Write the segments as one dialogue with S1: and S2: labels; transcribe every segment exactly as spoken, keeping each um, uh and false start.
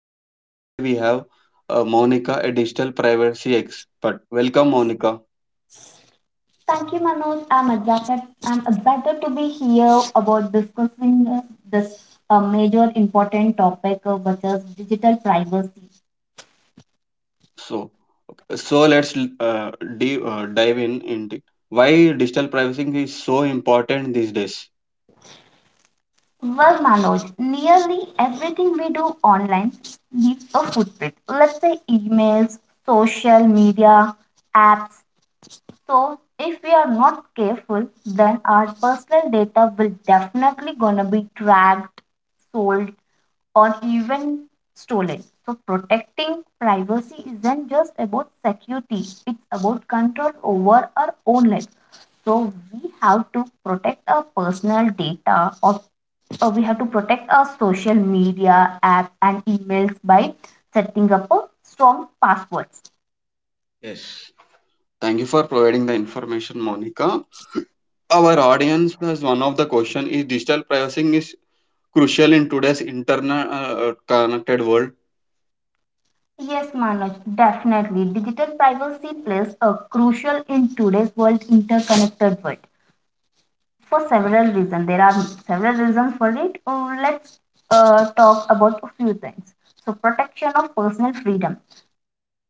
S1: Manoj and today we have uh, Monica, a digital privacy expert. Welcome Monica.
S2: Thank you, Manoj. I'm excited. I'm excited to be here about discussing uh, this uh, major important topic, uh, which is digital privacy.
S1: So, so let's uh, de- uh, dive in into why digital privacy is so important these days.
S2: Well, Manoj, nearly everything we do online leaves a footprint. Let's say emails, social media, apps, so if we are not careful, then our personal data will definitely gonna be tracked, sold, or even stolen. So protecting privacy isn't just about security, it's about control over our own life. So we have to protect our personal data or, or we have to protect our social media app and emails by setting up a strong passwords.
S1: Yes. Thank you for providing the information, Monica. Our audience has one of the question is digital privacy is crucial in today's internet uh, uh, connected world.
S2: Yes, Manoj, definitely. Digital privacy plays a crucial in today's world interconnected world for several reasons. There are several reasons for it. Uh, let's uh, talk about a few things. So, protection of personal freedom.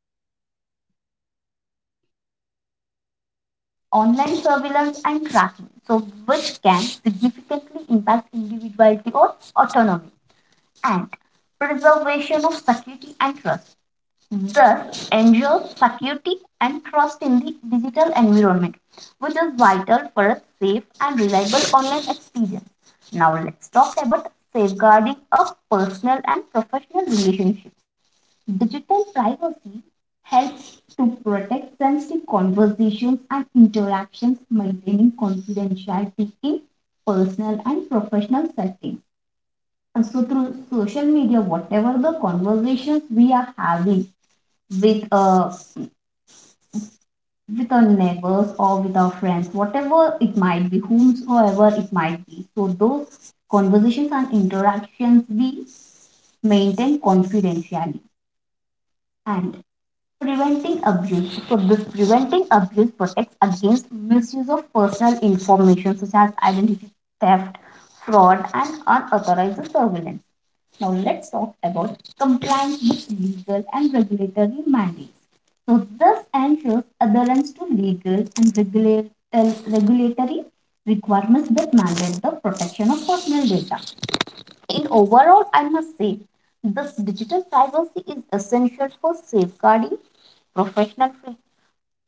S2: Digital privacy safeguards personal freedom by preventing online surveillance and tracking, so which can significantly impact individuality or autonomy. And preservation of security and trust. Thus, ensures security and trust in the digital environment, which is vital for a safe and reliable online experience. Now, let's talk about safeguarding a personal and professional relationship. Digital privacy helps to protect sensitive conversations and interactions, maintaining confidentiality in personal and professional settings. And so, through social media, whatever the conversations we are having with uh, with our neighbors or with our friends, whatever it might be, whomsoever it might be. So those conversations and interactions we maintain confidentially and preventing abuse. So this preventing abuse protects against misuse of personal information such as identity theft, fraud, and unauthorized surveillance. Now let's talk about compliance with legal and regulatory mandates. So this ensures adherence to legal and regular, uh, regulatory requirements that mandate the protection of personal data. In overall, I must say this digital privacy is essential for safeguarding professional free,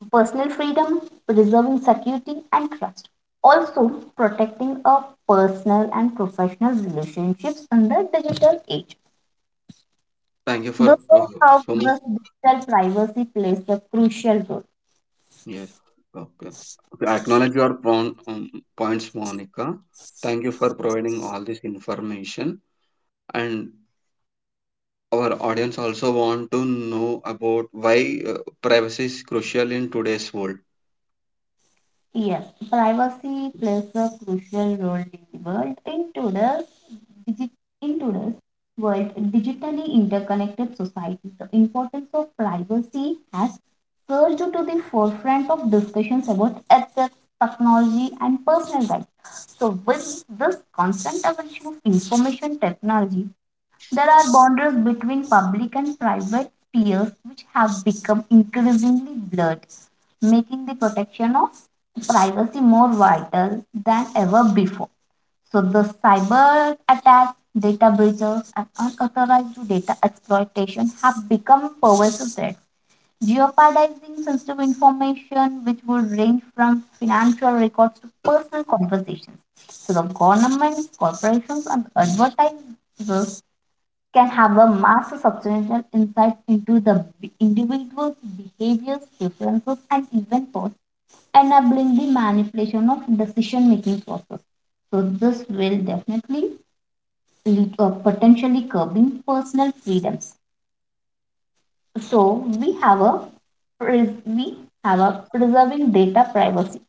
S2: personal freedom, preserving security and trust. Also, protecting our personal and professional relationships in the digital age.
S1: Thank you for
S2: Because
S1: uh,
S2: how
S1: so much.
S2: this digital privacy plays a crucial role.
S1: Yes. Okay. Okay. I acknowledge your point, um, points, Monica. Thank you for providing all this information. And
S2: My pleasure, Manoj.
S1: our audience also want to know about why uh, privacy is crucial in today's world.
S2: Yes, privacy plays a crucial role in the world. In today's, digi- in today's world, digitally interconnected society, the importance of privacy has surged to the forefront of discussions about ethics, technology, and personal rights. So, with this constant evolution of information technology, there are boundaries between public and private spheres which have become increasingly blurred, making the protection of privacy more vital than ever before. So the cyber attacks, data breaches, and unauthorized data exploitation have become pervasive threats, jeopardizing sensitive information which would range from financial records to personal conversations. So the governments, corporations, and advertisers can have a massive substantial insights into the b- individual's behaviors, preferences, and even thoughts, enabling the manipulation of decision-making process. So this will definitely lead to potentially curbing personal freedoms. So we have a pres- we have a preserving data privacy,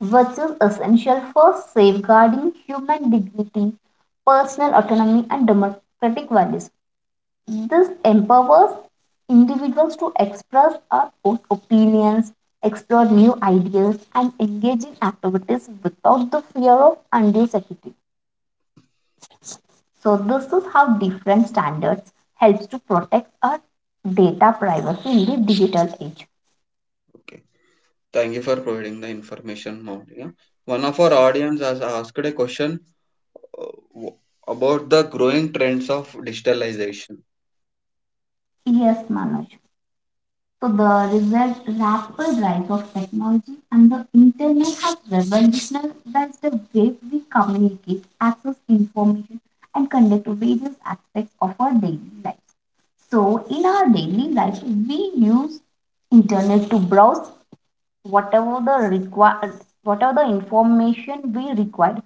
S2: which is essential for safeguarding human dignity, personal autonomy, and democratic values. This empowers individuals to express our own opinions, explore new ideas, and engage in activities without the fear of undue security. So, this is how different standards helps to protect our data privacy in the digital age.
S1: Okay. Thank you for providing the information, Monica. One of our audience has asked a question uh, w- about the growing trends of digitalization.
S2: Yes, Manoj. So the result, rapid rise of technology and the internet has revolutionized the way we communicate, access information, and conduct various aspects of our daily lives. So in our daily life, we use internet to browse whatever the require whatever the information we require.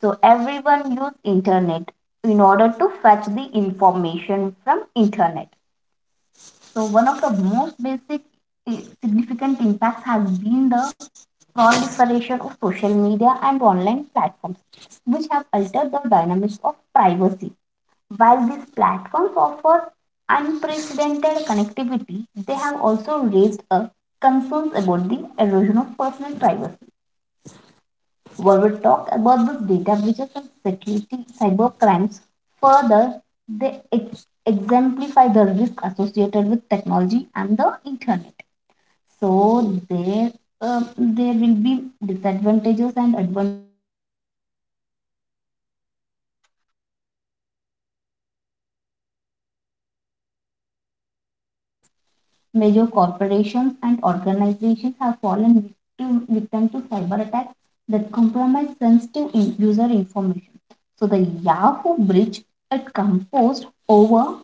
S2: So everyone use internet in order to fetch the information from internet. So one of the most basic i- significant impacts has been the proliferation of social media and online platforms, which have altered the dynamics of privacy. While these platforms offer unprecedented connectivity, they have also raised a concerns about the erosion of personal privacy. We will talk about the data breaches and security cyber crimes. Further, they ex- exemplify the risk associated with technology and the internet. So there, um, there will be disadvantages and advantages of using the technology and the internet. So mm, that may also lead to the cyber attacks. Major corporations and organizations have fallen victim, victim to cyber attacks that compromise sensitive in- user information. So the Yahoo breach it composed over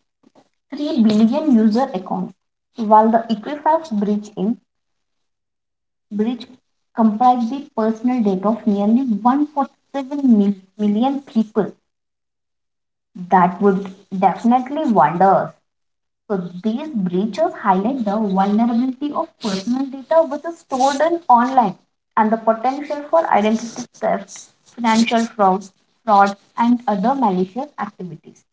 S2: three billion user accounts, while the Equifax breach in breach comprised the personal data of nearly one hundred forty-seven mil- million people. That would definitely wonder us. So these breaches highlight the vulnerability of personal data which is stored in online and the potential for identity theft, financial fraud, fraud and other malicious activities.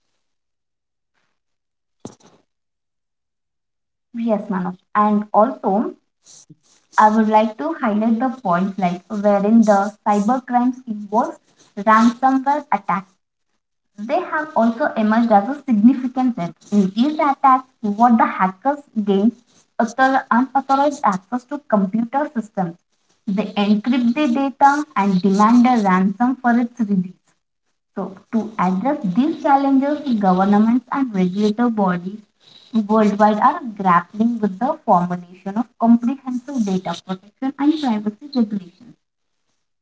S2: Yes, Manav. And also, I would like to highlight the point like wherein the cybercrimes involves ransomware attacks. They have also emerged as a significant threat. In these attacks, what the hackers gain author- unauthorized access to computer systems. They encrypt the data and demand a ransom for its release. So, to address these challenges, governments and regulatory bodies worldwide are grappling with the formulation of comprehensive data protection and privacy regulations.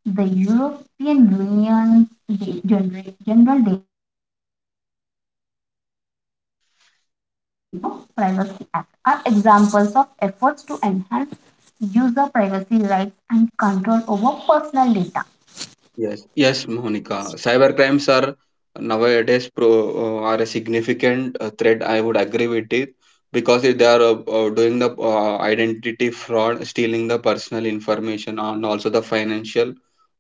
S2: The European Union's da- gener- General Data Protection Regulation and California's Consumer Privacy Act are examples of efforts to enhance user privacy rights and control over personal data.
S1: Yes, yes, Monica. Cybercrimes are nowadays pro uh, are a significant uh, threat. I would agree with it because if they are uh, uh, doing the uh, identity fraud, stealing the personal information, and also the financial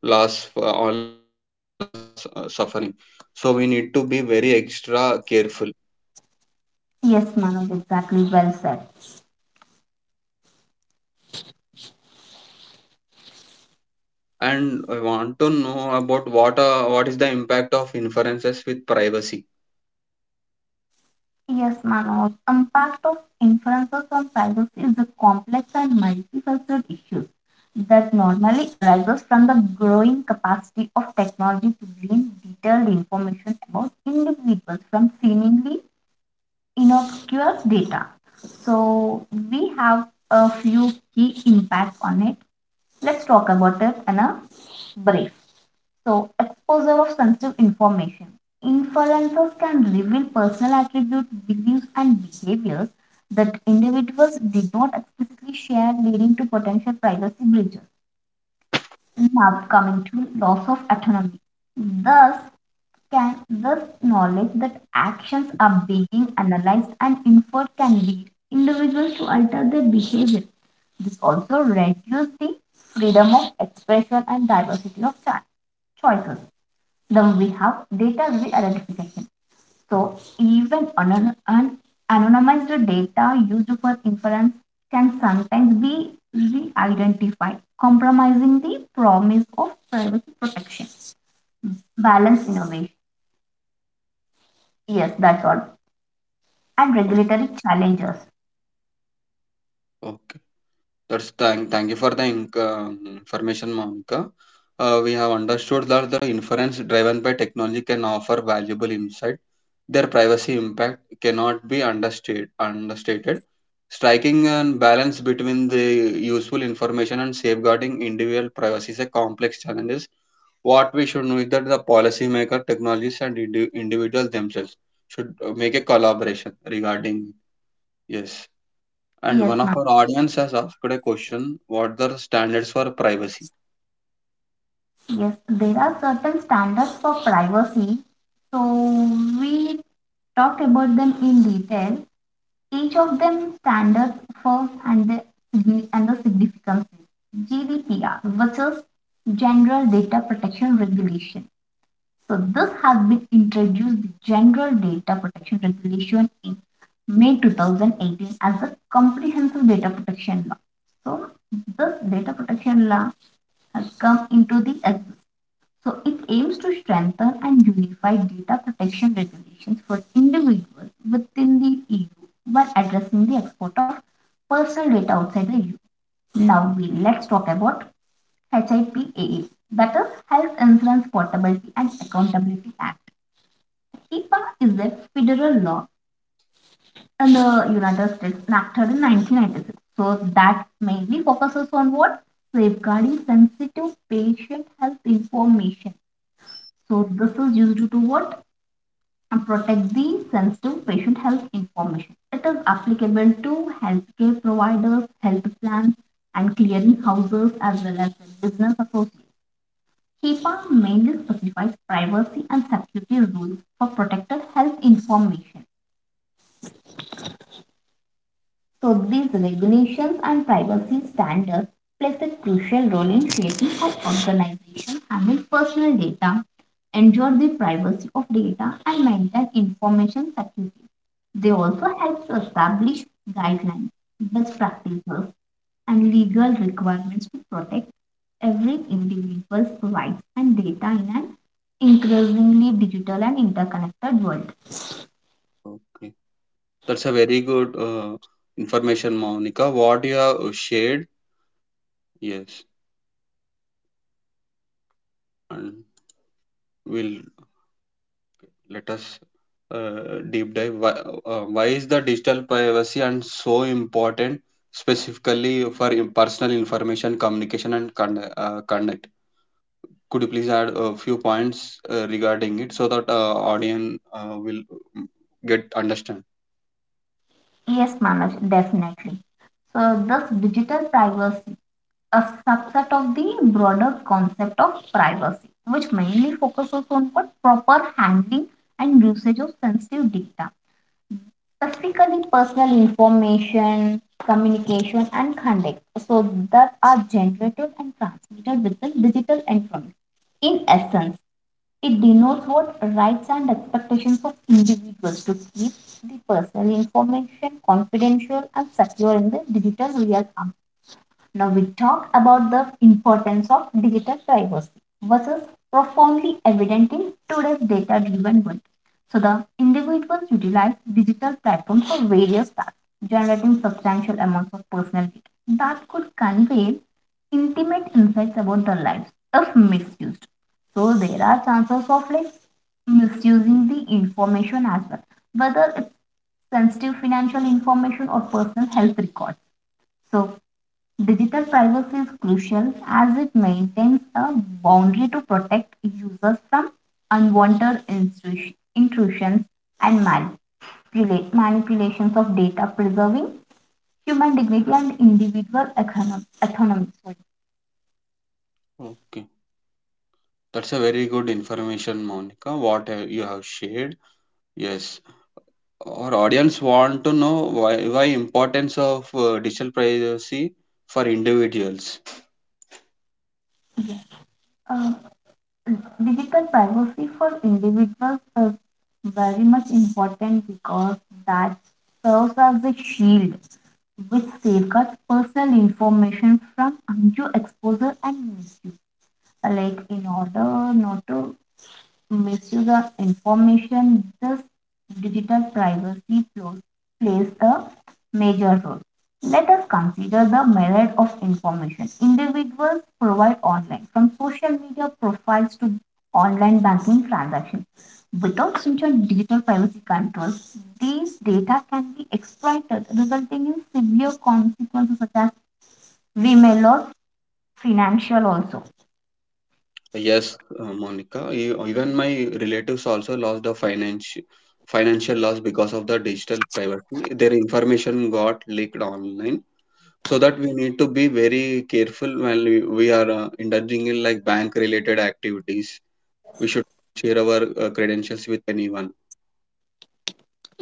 S1: loss, for all the common people are su- uh, suffering. So we need to be very extra careful.
S2: Yes, Manoj, exactly well said.
S1: And I want to know about what uh, what is the impact of inferences with privacy.
S2: Yes, Manoj. Impact of inferences on privacy is a complex and multifaceted issue that normally arises from the growing capacity of technology to glean detailed information about individuals from seemingly innocuous data. So we have a few key impacts on it. Let's talk about it in a brief. So, exposure of sensitive information. Influencers can reveal personal attributes, beliefs, and behaviors that individuals did not explicitly share, leading to potential privacy breaches. Now, coming to loss of autonomy. Thus, can this knowledge that actions are being analyzed and inferred can lead individuals to alter their behavior. This also reduces the freedom of expression and diversity of cho- choices. Then we have data re-identification. So even anon- an anonymized data used for inference can sometimes be re-identified, compromising the promise of privacy protection. Balance innovation. Yes, that's all. And
S1: Okay.
S2: regulatory challenges.
S1: Okay. That's thank thank you for the inc- um, information, Monica. Uh, we have understood that the inference driven by technology can offer valuable insight. Their privacy impact cannot be understated. Understated. Striking a balance between the useful information and safeguarding individual privacy is a complex challenge. What we should know is that the policymaker, technologists, and indi- individuals themselves should uh, make a collaboration regarding, yes. And one
S2: Yes,
S1: of
S2: ma'am.
S1: our audience has asked a question, what are the standards for privacy?
S2: Yes, there are certain standards for privacy. So we talked about them in detail. Each of them stands for and the signi- and the significance is G D P R, which is General Data Protection Regulation. So this has been introduced the General Data Protection Regulation in May two thousand eighteen as a comprehensive data protection law. So this data protection law has come into the existence so it aims to strengthen and unify data protection regulations for individuals within the E U while addressing the export of personal data outside the E U. Now we let's talk about hippa, that is Health Insurance Portability and Accountability Act. HIPAA is a federal law in the United States enacted in nineteen ninety-six. So that mainly focuses on what? Safeguarding sensitive patient health information. So this is used to what? And protect the sensitive patient health information. It is applicable to healthcare providers, health plans, and clearinghouses as well as business associates. HIPAA mainly specifies privacy and security rules for protected health information. So these regulations and privacy standards plays a crucial role in shaping how organizations handle personal data, ensure the privacy of data, and maintain information security. They also help to establish guidelines, best practices, and legal requirements to protect every individual's rights and data in an increasingly digital and interconnected world.
S1: Okay. That's a very good uh, information, Monica. What you have shared, yes, and will let us uh, deep dive. Why, uh, why is the digital privacy and so important, specifically for in- personal information, communication, and con- uh, conduct? Could you please add a few points uh, regarding it so that uh, audience uh, will mm, get understand?
S2: Yes, Manoj, definitely. So, thus, digital privacy, a subset of the broader concept of privacy, which mainly focuses on what proper handling and usage of sensitive data, specifically personal information, communication, and conduct, so that are generated and transmitted with the digital environment. In essence, it denotes what rights and expectations of individuals to keep the personal information confidential and secure in the digital real now we talk about the importance of digital privacy versus profoundly evident in today's data-driven world. So the individuals utilize digital platforms for various tasks, generating substantial amounts of personal data that could convey intimate insights about their lives if misused. So there are chances of like misusing the information as well, whether it's sensitive financial information or personal health records. So digital privacy is crucial as it maintains a boundary to protect users from unwanted intrusi- intrusions and manipula- manipulations of data, preserving human dignity and individual econom- autonomy. Sorry.
S1: Okay. That's a very good information, Monica. What have- you have shared. Yes, our audience want to know why, why importance of uh, digital privacy for individuals.
S2: Uh, digital privacy for individuals is very much important because that serves as a shield which safeguards personal information from undue exposure and misuse. Like in order not to misuse the information, this digital privacy plos- plays a major role. Let us consider the myriad of information individuals provide online, from social media profiles to online banking transactions. Without such digital privacy controls, these data can be exploited, resulting in severe consequences such as we may lose financial also.
S1: Yes, uh, Monica. e- Even my relatives also lost a financial financial loss because of the digital privacy. Their information got leaked online. So that we need to be very careful when we, we are uh, indulging in like bank related activities. We should share our uh, credentials with anyone.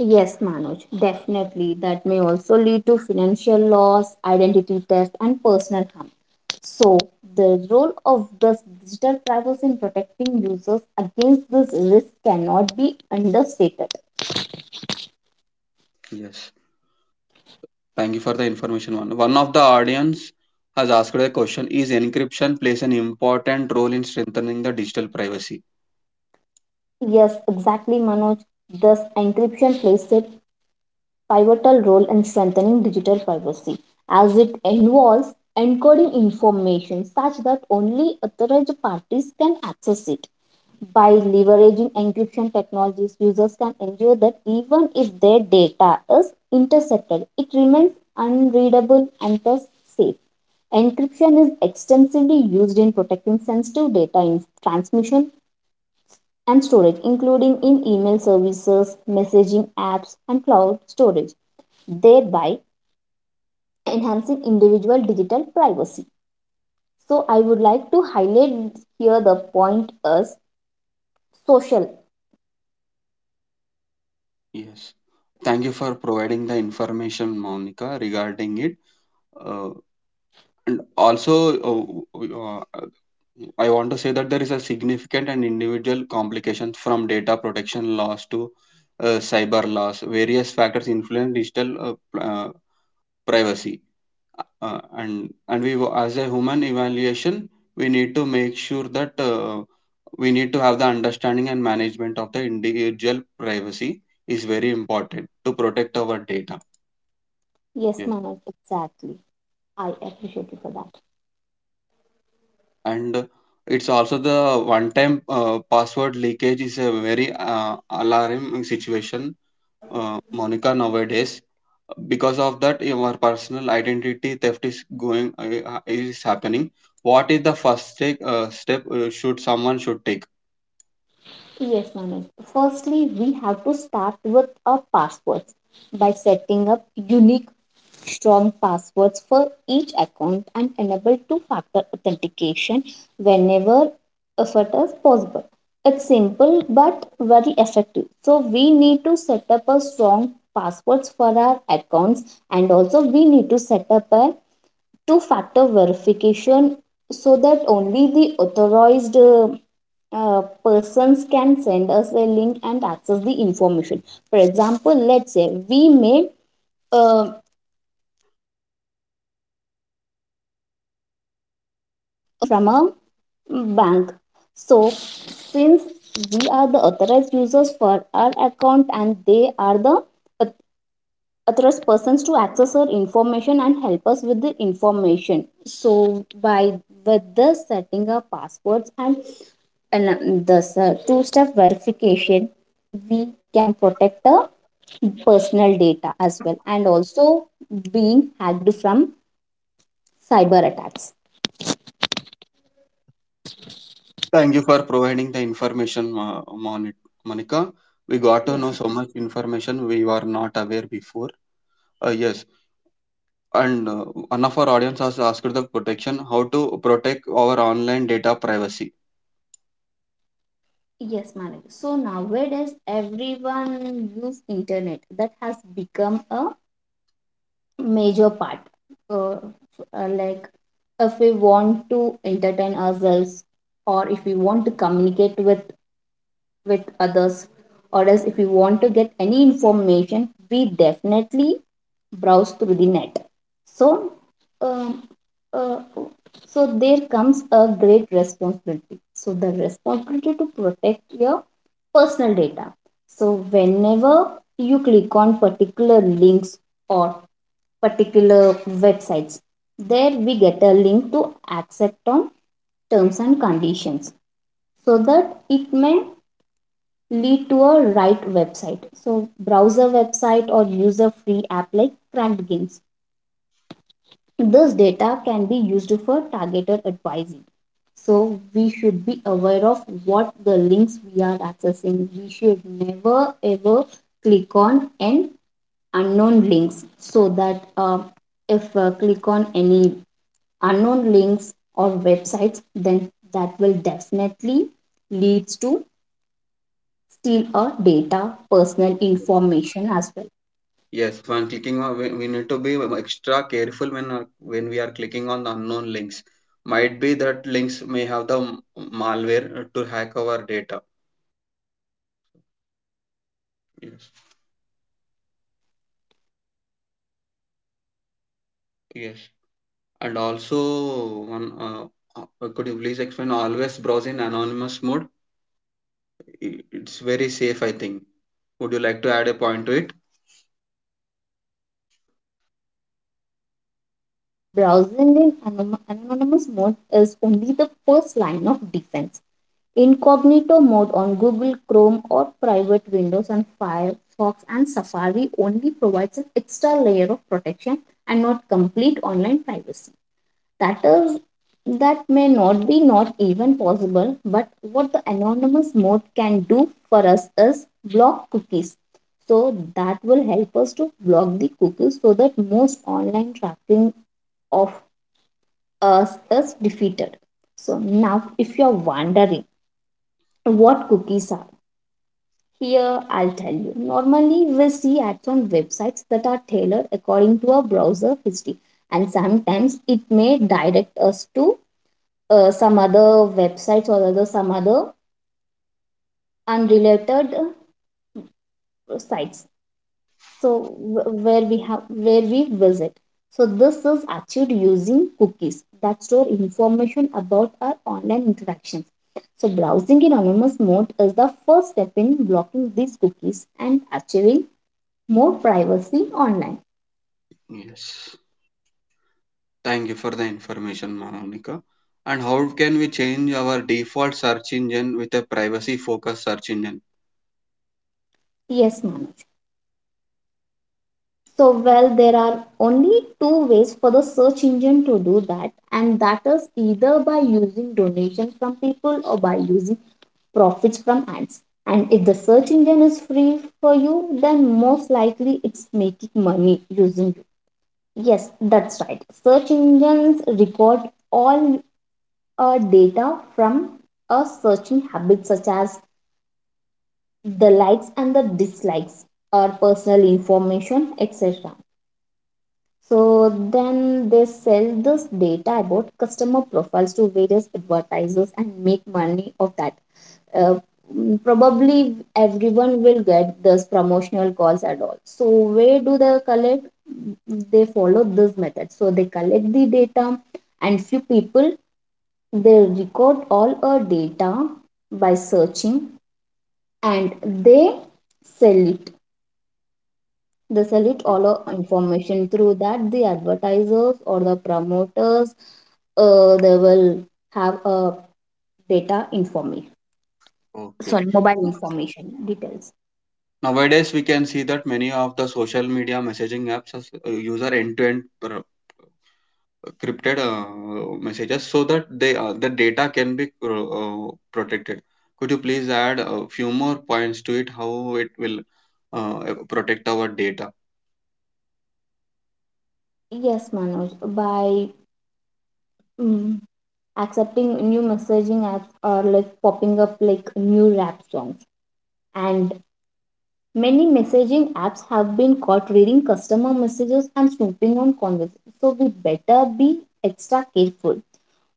S2: Yes, Manoj, definitely. That may also lead to financial loss, identity theft, and personal harm. So, the role of the digital privacy in protecting users against this risk cannot be understated.
S1: Yes. Thank you for the information. One one of the audience has asked a question: Is encryption plays an important role in strengthening the digital privacy?
S2: Yes, exactly, Manoj. Thus, encryption plays a pivotal role in strengthening digital privacy, as it involves encoding information such that only authorized parties can access it. By leveraging encryption technologies, users can ensure that even if their data is intercepted, it remains unreadable and thus safe. Encryption is extensively used in protecting sensitive data in transmission and storage, including in email services, messaging apps, and cloud storage, thereby enhancing individual digital privacy. So, I would like to highlight here the point as social.
S1: Yes. Thank you for providing the information, Monica, regarding it. Uh, and also, uh, uh, I want to say that there is a significant and individual complications from data protection laws to uh, cyber laws. Various factors influence digital uh, uh, privacy uh, and and we wo- as a human evaluation we need to make sure that uh, we need to have the understanding and management of the individual privacy is very important to protect our data,
S2: Yes,
S1: yes.
S2: Manas, exactly. I appreciate you for that.
S1: And uh, it's also the one time uh, password leakage is a very uh, alarming situation, uh, Monica nowadays, because of that your personal identity theft is going uh, is happening. What is the first take, uh, step uh, should someone should take?
S2: Yes, Manoj. Firstly, we have to start with our passwords by setting up unique, strong passwords for each account and enable two factor authentication whenever effort is possible. It's simple but very effective. So, we need to set up a strong passwords for our accounts and also we need to set up a two factor verification so that only the authorized uh, uh, persons can send us a link and access the information. For example, let's say we may uh, uh, fetch our data, mm, let's say bank bank information from a bank. So since we are the authorized users for our account and they are the trust persons to access our information and help us with the information, so by with the setting up passwords and, and uh, the two step verification, we can protect the personal data as well and also being hacked from cyber attacks.
S1: Thank you for providing the information, Ma- Moni- Monica. We got to know
S2: Yes.
S1: so much information we were not aware before. Uh, yes, and uh, one of our audience has asked the protection how to protect our online data privacy.
S2: Yes, Manu. So nowadays everyone use internet that has become a major part. Uh, uh, like if we want to entertain ourselves, or if we want to communicate with with others, or else if we want to get any information, we definitely browse through the net. So, um, uh, so there comes a great responsibility. So the responsibility to protect your personal data. So whenever you click on particular links or particular websites. There we get a link to accept on terms and conditions so that it may lead to a right website. So browser website or user free app like Cracked Games. This data can be used for targeted advising. So we should be aware of what the links we are accessing. We should never ever click on an unknown links so that uh, if uh, click on any unknown links or websites, then that will definitely leads to steal our data, personal information as well.
S1: Yes, when clicking on, we, we need to be extra careful when uh, when we are clicking on the unknown links. Might be that links may have the m- malware uh, to hack our data. Yes,
S2: Yes, manager, rightly said.
S1: yes, and
S2: We have
S1: also
S2: to be very
S1: one.
S2: much
S1: Uh,
S2: careful.
S1: uh, could you please explain always browse in anonymous mode? I- It's
S2: Yes,
S1: very
S2: ma'am.
S1: safe, I think. Would you like to add a point to it?
S2: Yes, Manoj. First, let me give a clarification that browsing in anom- anonymous mode is only the first line of defense. Incognito mode on Google Chrome or private windows on Firefox and Safari only provides an extra layer of protection and not complete online privacy. That is that may not be not even possible, but what the anonymous mode can do for us is block cookies. So that will help us to block the cookies so that most online tracking of us is defeated. So now if you're wondering what cookies are, here, I'll tell you. Normally, we see ads on websites that are tailored according to our browser history, and sometimes it may direct us to uh, some other websites or other some other unrelated uh, sites. So wh- where we have where we visit. So this is achieved using cookies that store information about our online interactions. So browsing in anonymous mode is the first step in blocking these cookies and achieving more privacy online.
S1: Yes. Thank you for the information, Monica. And how can we change our default search engine with a privacy focused search engine?
S2: Yes, Manoj. So, well, there are only two ways for the search engine to do that, and that is either by using donations from people or by using profits from ads. And if the search engine is free for you, then most likely it's making money using you. Yes, that's right. Search engines record all uh, data from a searching habits such as the likes and the dislikes or personal information etc, so then they sell this data about customer profiles to various advertisers and make money of that. uh, mm, Probably everyone will get those promotional calls at all, so where do they collect? They follow this method, so they collect the data, and few people, they record all our data by searching, and they sell it. They sell it all uh, information through that. The advertisers or the promoters, uh, they will have uh, data information,
S1: Okay.
S2: sorry, mobile information details.
S1: Nowadays, we can see that many of the social media messaging apps has, uh, use our end-to-end encrypted uh, messages so that they uh, the data can be uh, uh, protected. Could you please add a few more points to it? How it will uh, protect our data?
S2: Yes, Manoj, by mm, accepting, new messaging apps are like popping up like new rap songs, and many messaging apps have been caught reading customer messages and snooping on conversations, so we better be extra careful.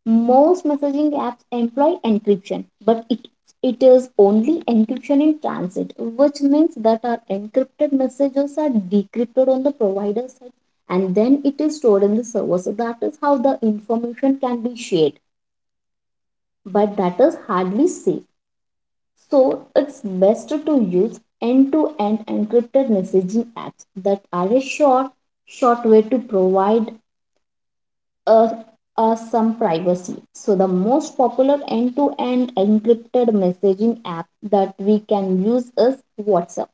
S2: Most messaging apps employ encryption, but it, it is only encryption in transit, which means that our encrypted messages are decrypted on the provider side and then it is stored in the server. So that is how the information can be shared, but that is hardly safe. So it's best to use end to end encrypted messaging apps that are a short, short way to provide uh, us some privacy. So, the most popular end to end encrypted messaging app that we can use is WhatsApp.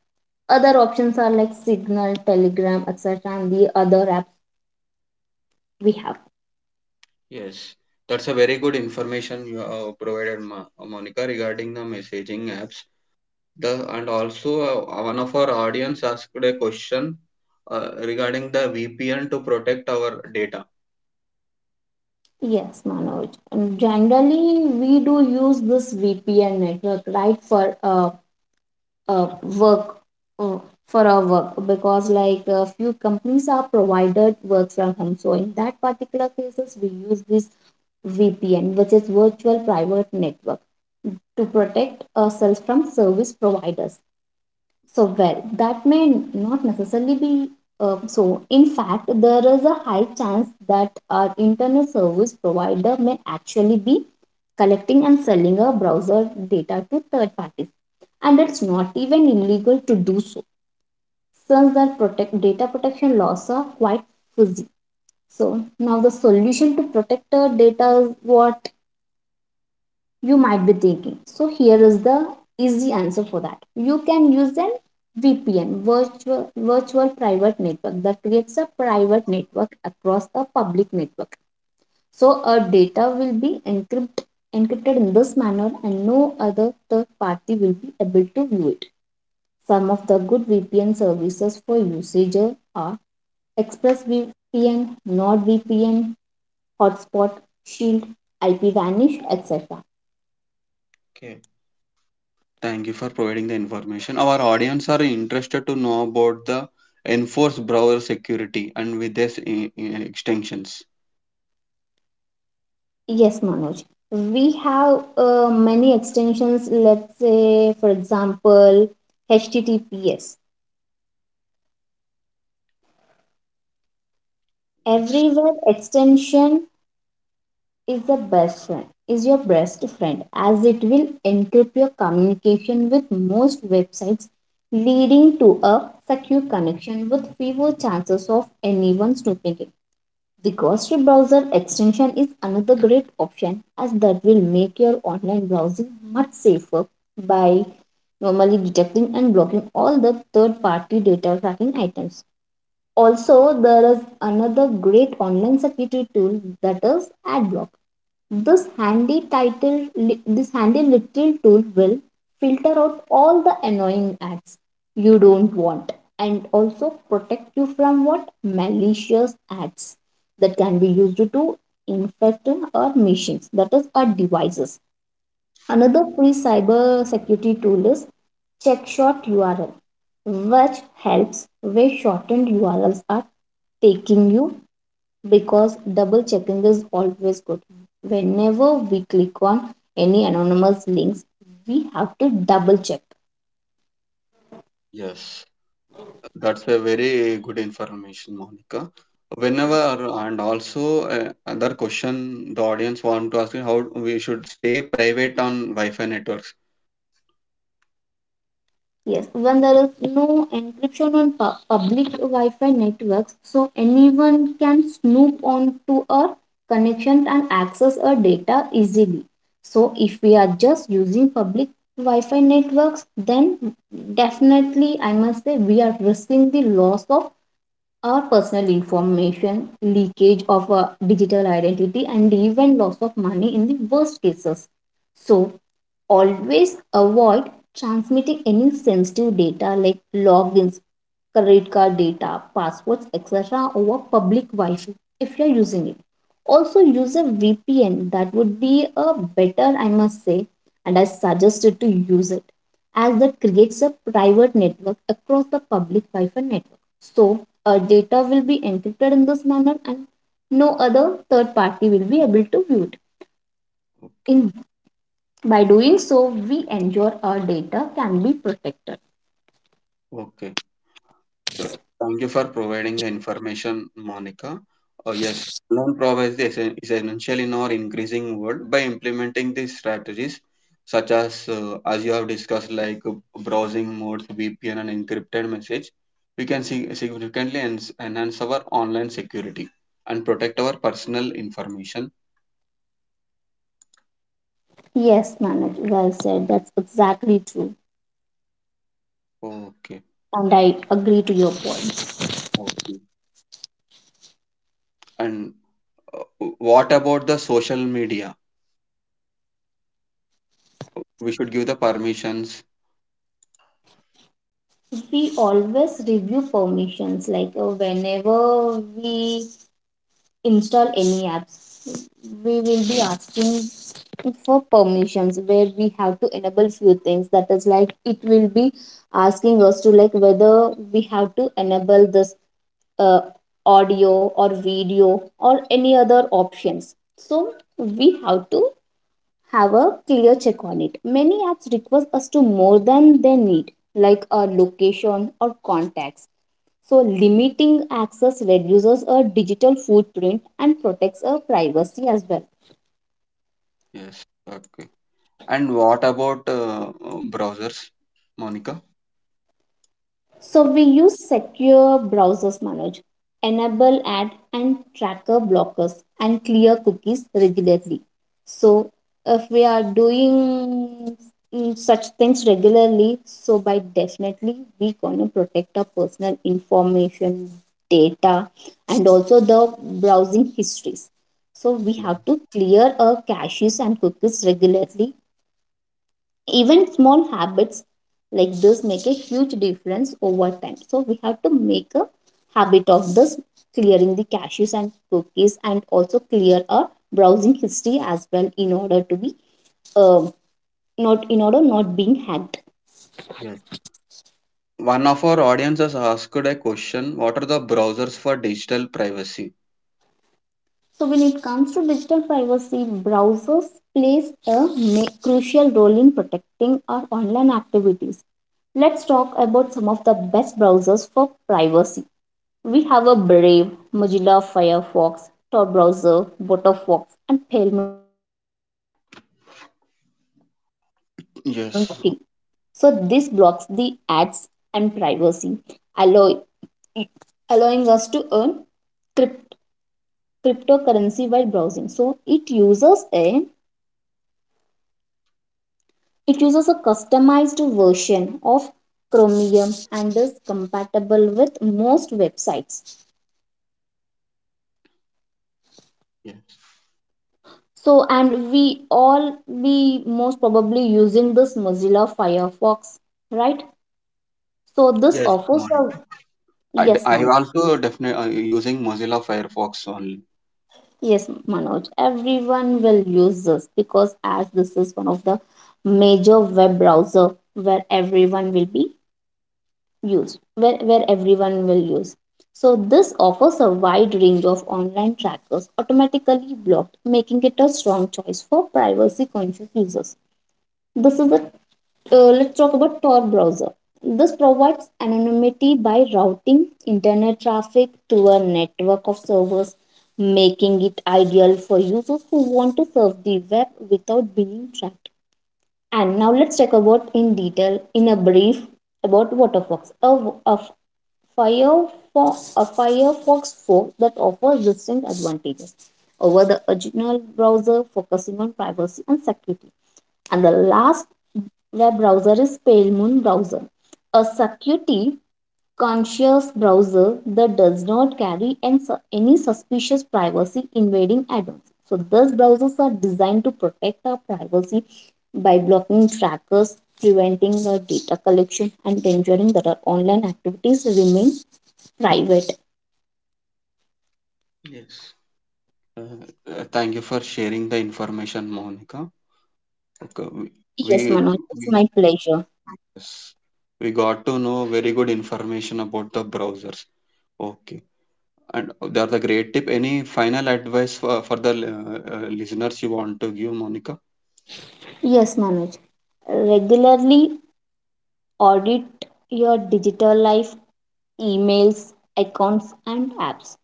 S2: Other options are like Signal, Telegram, et cetera, and the other apps we have.
S1: Yes, that's a very good information you uh, provided, Ma Monica, regarding the messaging apps. The and also uh, one of our audience asked a question uh, regarding the V P N to protect our data.
S2: Yes, Manoj. And generally, we do use this V P N network, right, for uh, uh, work, uh, for our work, because like a few companies are provided work from home. So in that particular cases, we use this V P N, which is virtual private network, to protect ourselves from service providers. So, well, that may not necessarily be uh, so. In fact, there is a high chance that our internet service provider may actually be collecting and selling our browser data to third parties, and it's not even illegal to do so, since their protect data protection laws are quite fuzzy. So now the solution to protect our data is what you might be thinking. So here is the easy answer for that. You can use an V P N, virtual virtual private network that creates a private network across a public network. So our data will be encrypted encrypted in this manner and no other third party will be able to view it. Some of the good V P N services for usage are ExpressVPN, NordVPN, Hotspot, Shield, IPVanish, et cetera.
S1: Okay, thank you for providing the information. Our audience are interested to know about the enforced browser security and with this i- i- extensions.
S2: Yes, Manoj. We have uh, many extensions. Let's say, for example, H T T P S.
S1: Yes.
S2: Every web extension is the best friend, is your best friend, as it will encrypt your communication with most websites, leading to a secure connection with fewer chances of anyone snooping it. The Ghostly Browser extension is another great option as that will make your online browsing much safer by normally detecting and blocking all the third party data tracking items. Also, there is another great online security tool that is AdBlock. This handy title, li- this handy little tool will filter out all the annoying ads you don't want and also protect you from what malicious ads that can be used to infect our machines, that is our devices. Another free cyber security tool is CheckShot U R L, which helps where shortened U R Ls are taking you because double checking is always good. Whenever we click on any anonymous links, we have to double check.
S1: Yes. That's a very good information, Monica. Whenever, and also uh, other question the audience want to ask you how we should stay private on Wi-Fi networks.
S2: Yes, when there is no encryption on pu- public Wi Fi networks, so anyone can snoop onto our connection and access our data easily. So, if we are just using public Wi Fi networks, then definitely I must say we are risking the loss of our personal information, leakage of a digital identity, and even loss of money in the worst cases, so always avoid transmitting any sensitive data like logins, credit card data, passwords, et cetera over public Wi Fi if you're using it. Also, use a V P N that would be a better, I must say, and I suggested to use it as that creates a private network across the public Wi Fi network. So, our data will be encrypted in this manner and no other third party will be able to view it. In by doing so, we ensure our data can be protected.
S1: Okay. Sure. Thank you for providing the information, Monica. Uh, yes, loan provides is essen- is essential in our increasing world by implementing these strategies, such as uh, as you have discussed, like uh, browsing modes, V P N, and encrypted message. We can see significantly ens- enhance our online security and protect our personal information.
S2: Yes, Manoj, well said. That's exactly true.
S1: Okay.
S2: And I agree to your point.
S1: Okay. And uh, what about the social media? We should give the permissions.
S2: We always review permissions, like uh, whenever we install any apps, we will be asking for permissions where we have to enable few things. That is like it will be asking us to like whether we have to enable this uh, audio or video or any other options. So we have to have a clear check on it. Many apps request us to more than they need, like our location or contacts. So, limiting access reduces our digital footprint and protects our privacy as well.
S1: Yes. Okay. And what about uh, uh, browsers, Monica?
S2: So we use secure browsers, Manoj, enable ad and tracker blockers and clear cookies regularly. So if we are doing mm, such things regularly, so by definitely we gonna protect our personal information, data, and also the browsing histories. So we have to clear our caches and cookies regularly. Even small habits like this make a huge difference over time, so we have to make a habit of this clearing the caches and cookies and also clear our browsing history as well in order to be um not in order not being hacked.
S1: Yes. One of our audience has asked a question, what are the browsers for digital privacy?
S2: So when it comes to digital privacy, browsers plays a ma- crucial role in protecting our online activities. Let's talk about some of the best browsers for privacy. We have a Brave, Mozilla Firefox, Tor browser, Firefox, and Palemoon browser. So this Brave mainly focuses on what? Ad
S1: Yes,
S2: blocking. So this blocks the ads and privacy, allow, allowing us to earn crypt, cryptocurrency while browsing. So it uses a it uses a customized version of Chromium and is compatible with most websites.
S1: yes.
S2: So, and we all be most probably using this Mozilla Firefox, right? So, this
S1: Yes.
S2: offers
S1: Monica,
S2: a
S1: I, d-
S2: yes,
S1: I
S2: man.
S1: also definitely uh, using Mozilla Firefox only.
S2: Yes, Manoj. Everyone will use this because as this is one of the major web browser where everyone will be used, where, where everyone will use. So this offers a wide range of online trackers automatically blocked, making it a strong choice for privacy conscious users. This is a uh, let's talk about Tor browser. This provides anonymity by routing internet traffic to a network of servers, making it ideal for users who want to surf the web without being tracked. And now let's talk about in detail, in a brief, about Waterfox, a, a Firefox, a Firefox four that offers distinct advantages over the original browser, focusing on privacy and security. And the last their browser is Pale Moon browser, a security conscious browser that does not carry any suspicious privacy invading add-ons. So these browsers are designed to protect our privacy by blocking trackers, preventing the data collection, and ensuring that our online activities remain private.
S1: Yes. Uh, uh, thank you for sharing the information, Monica. Okay,
S2: Yes,
S1: we, we,
S2: Manoj, it's
S1: we,
S2: my pleasure.
S1: yes, we got to know very good information about the browsers. Okay. And that's a great tip. Any final advice for, for the uh, uh, listeners you want to give, Monica?
S2: Yes, Manoj. Regularly audit your digital life, emails, accounts, and apps.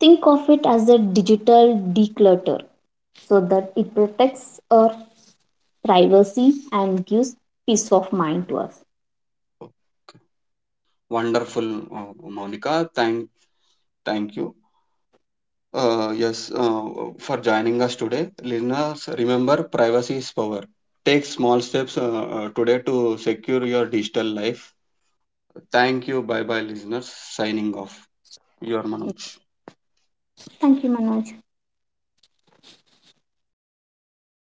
S2: Think of it as a digital declutter so that it protects our privacy and gives peace of mind to us.
S1: Wonderful, uh, Monica. Thank, thank you. Uh, yes, uh, for joining us today. Listeners, remember privacy is power. Take small steps uh, uh, today to secure your digital life. Thank you. Bye bye, listeners. Signing off. Your Manu.
S2: Thank you, Manoj.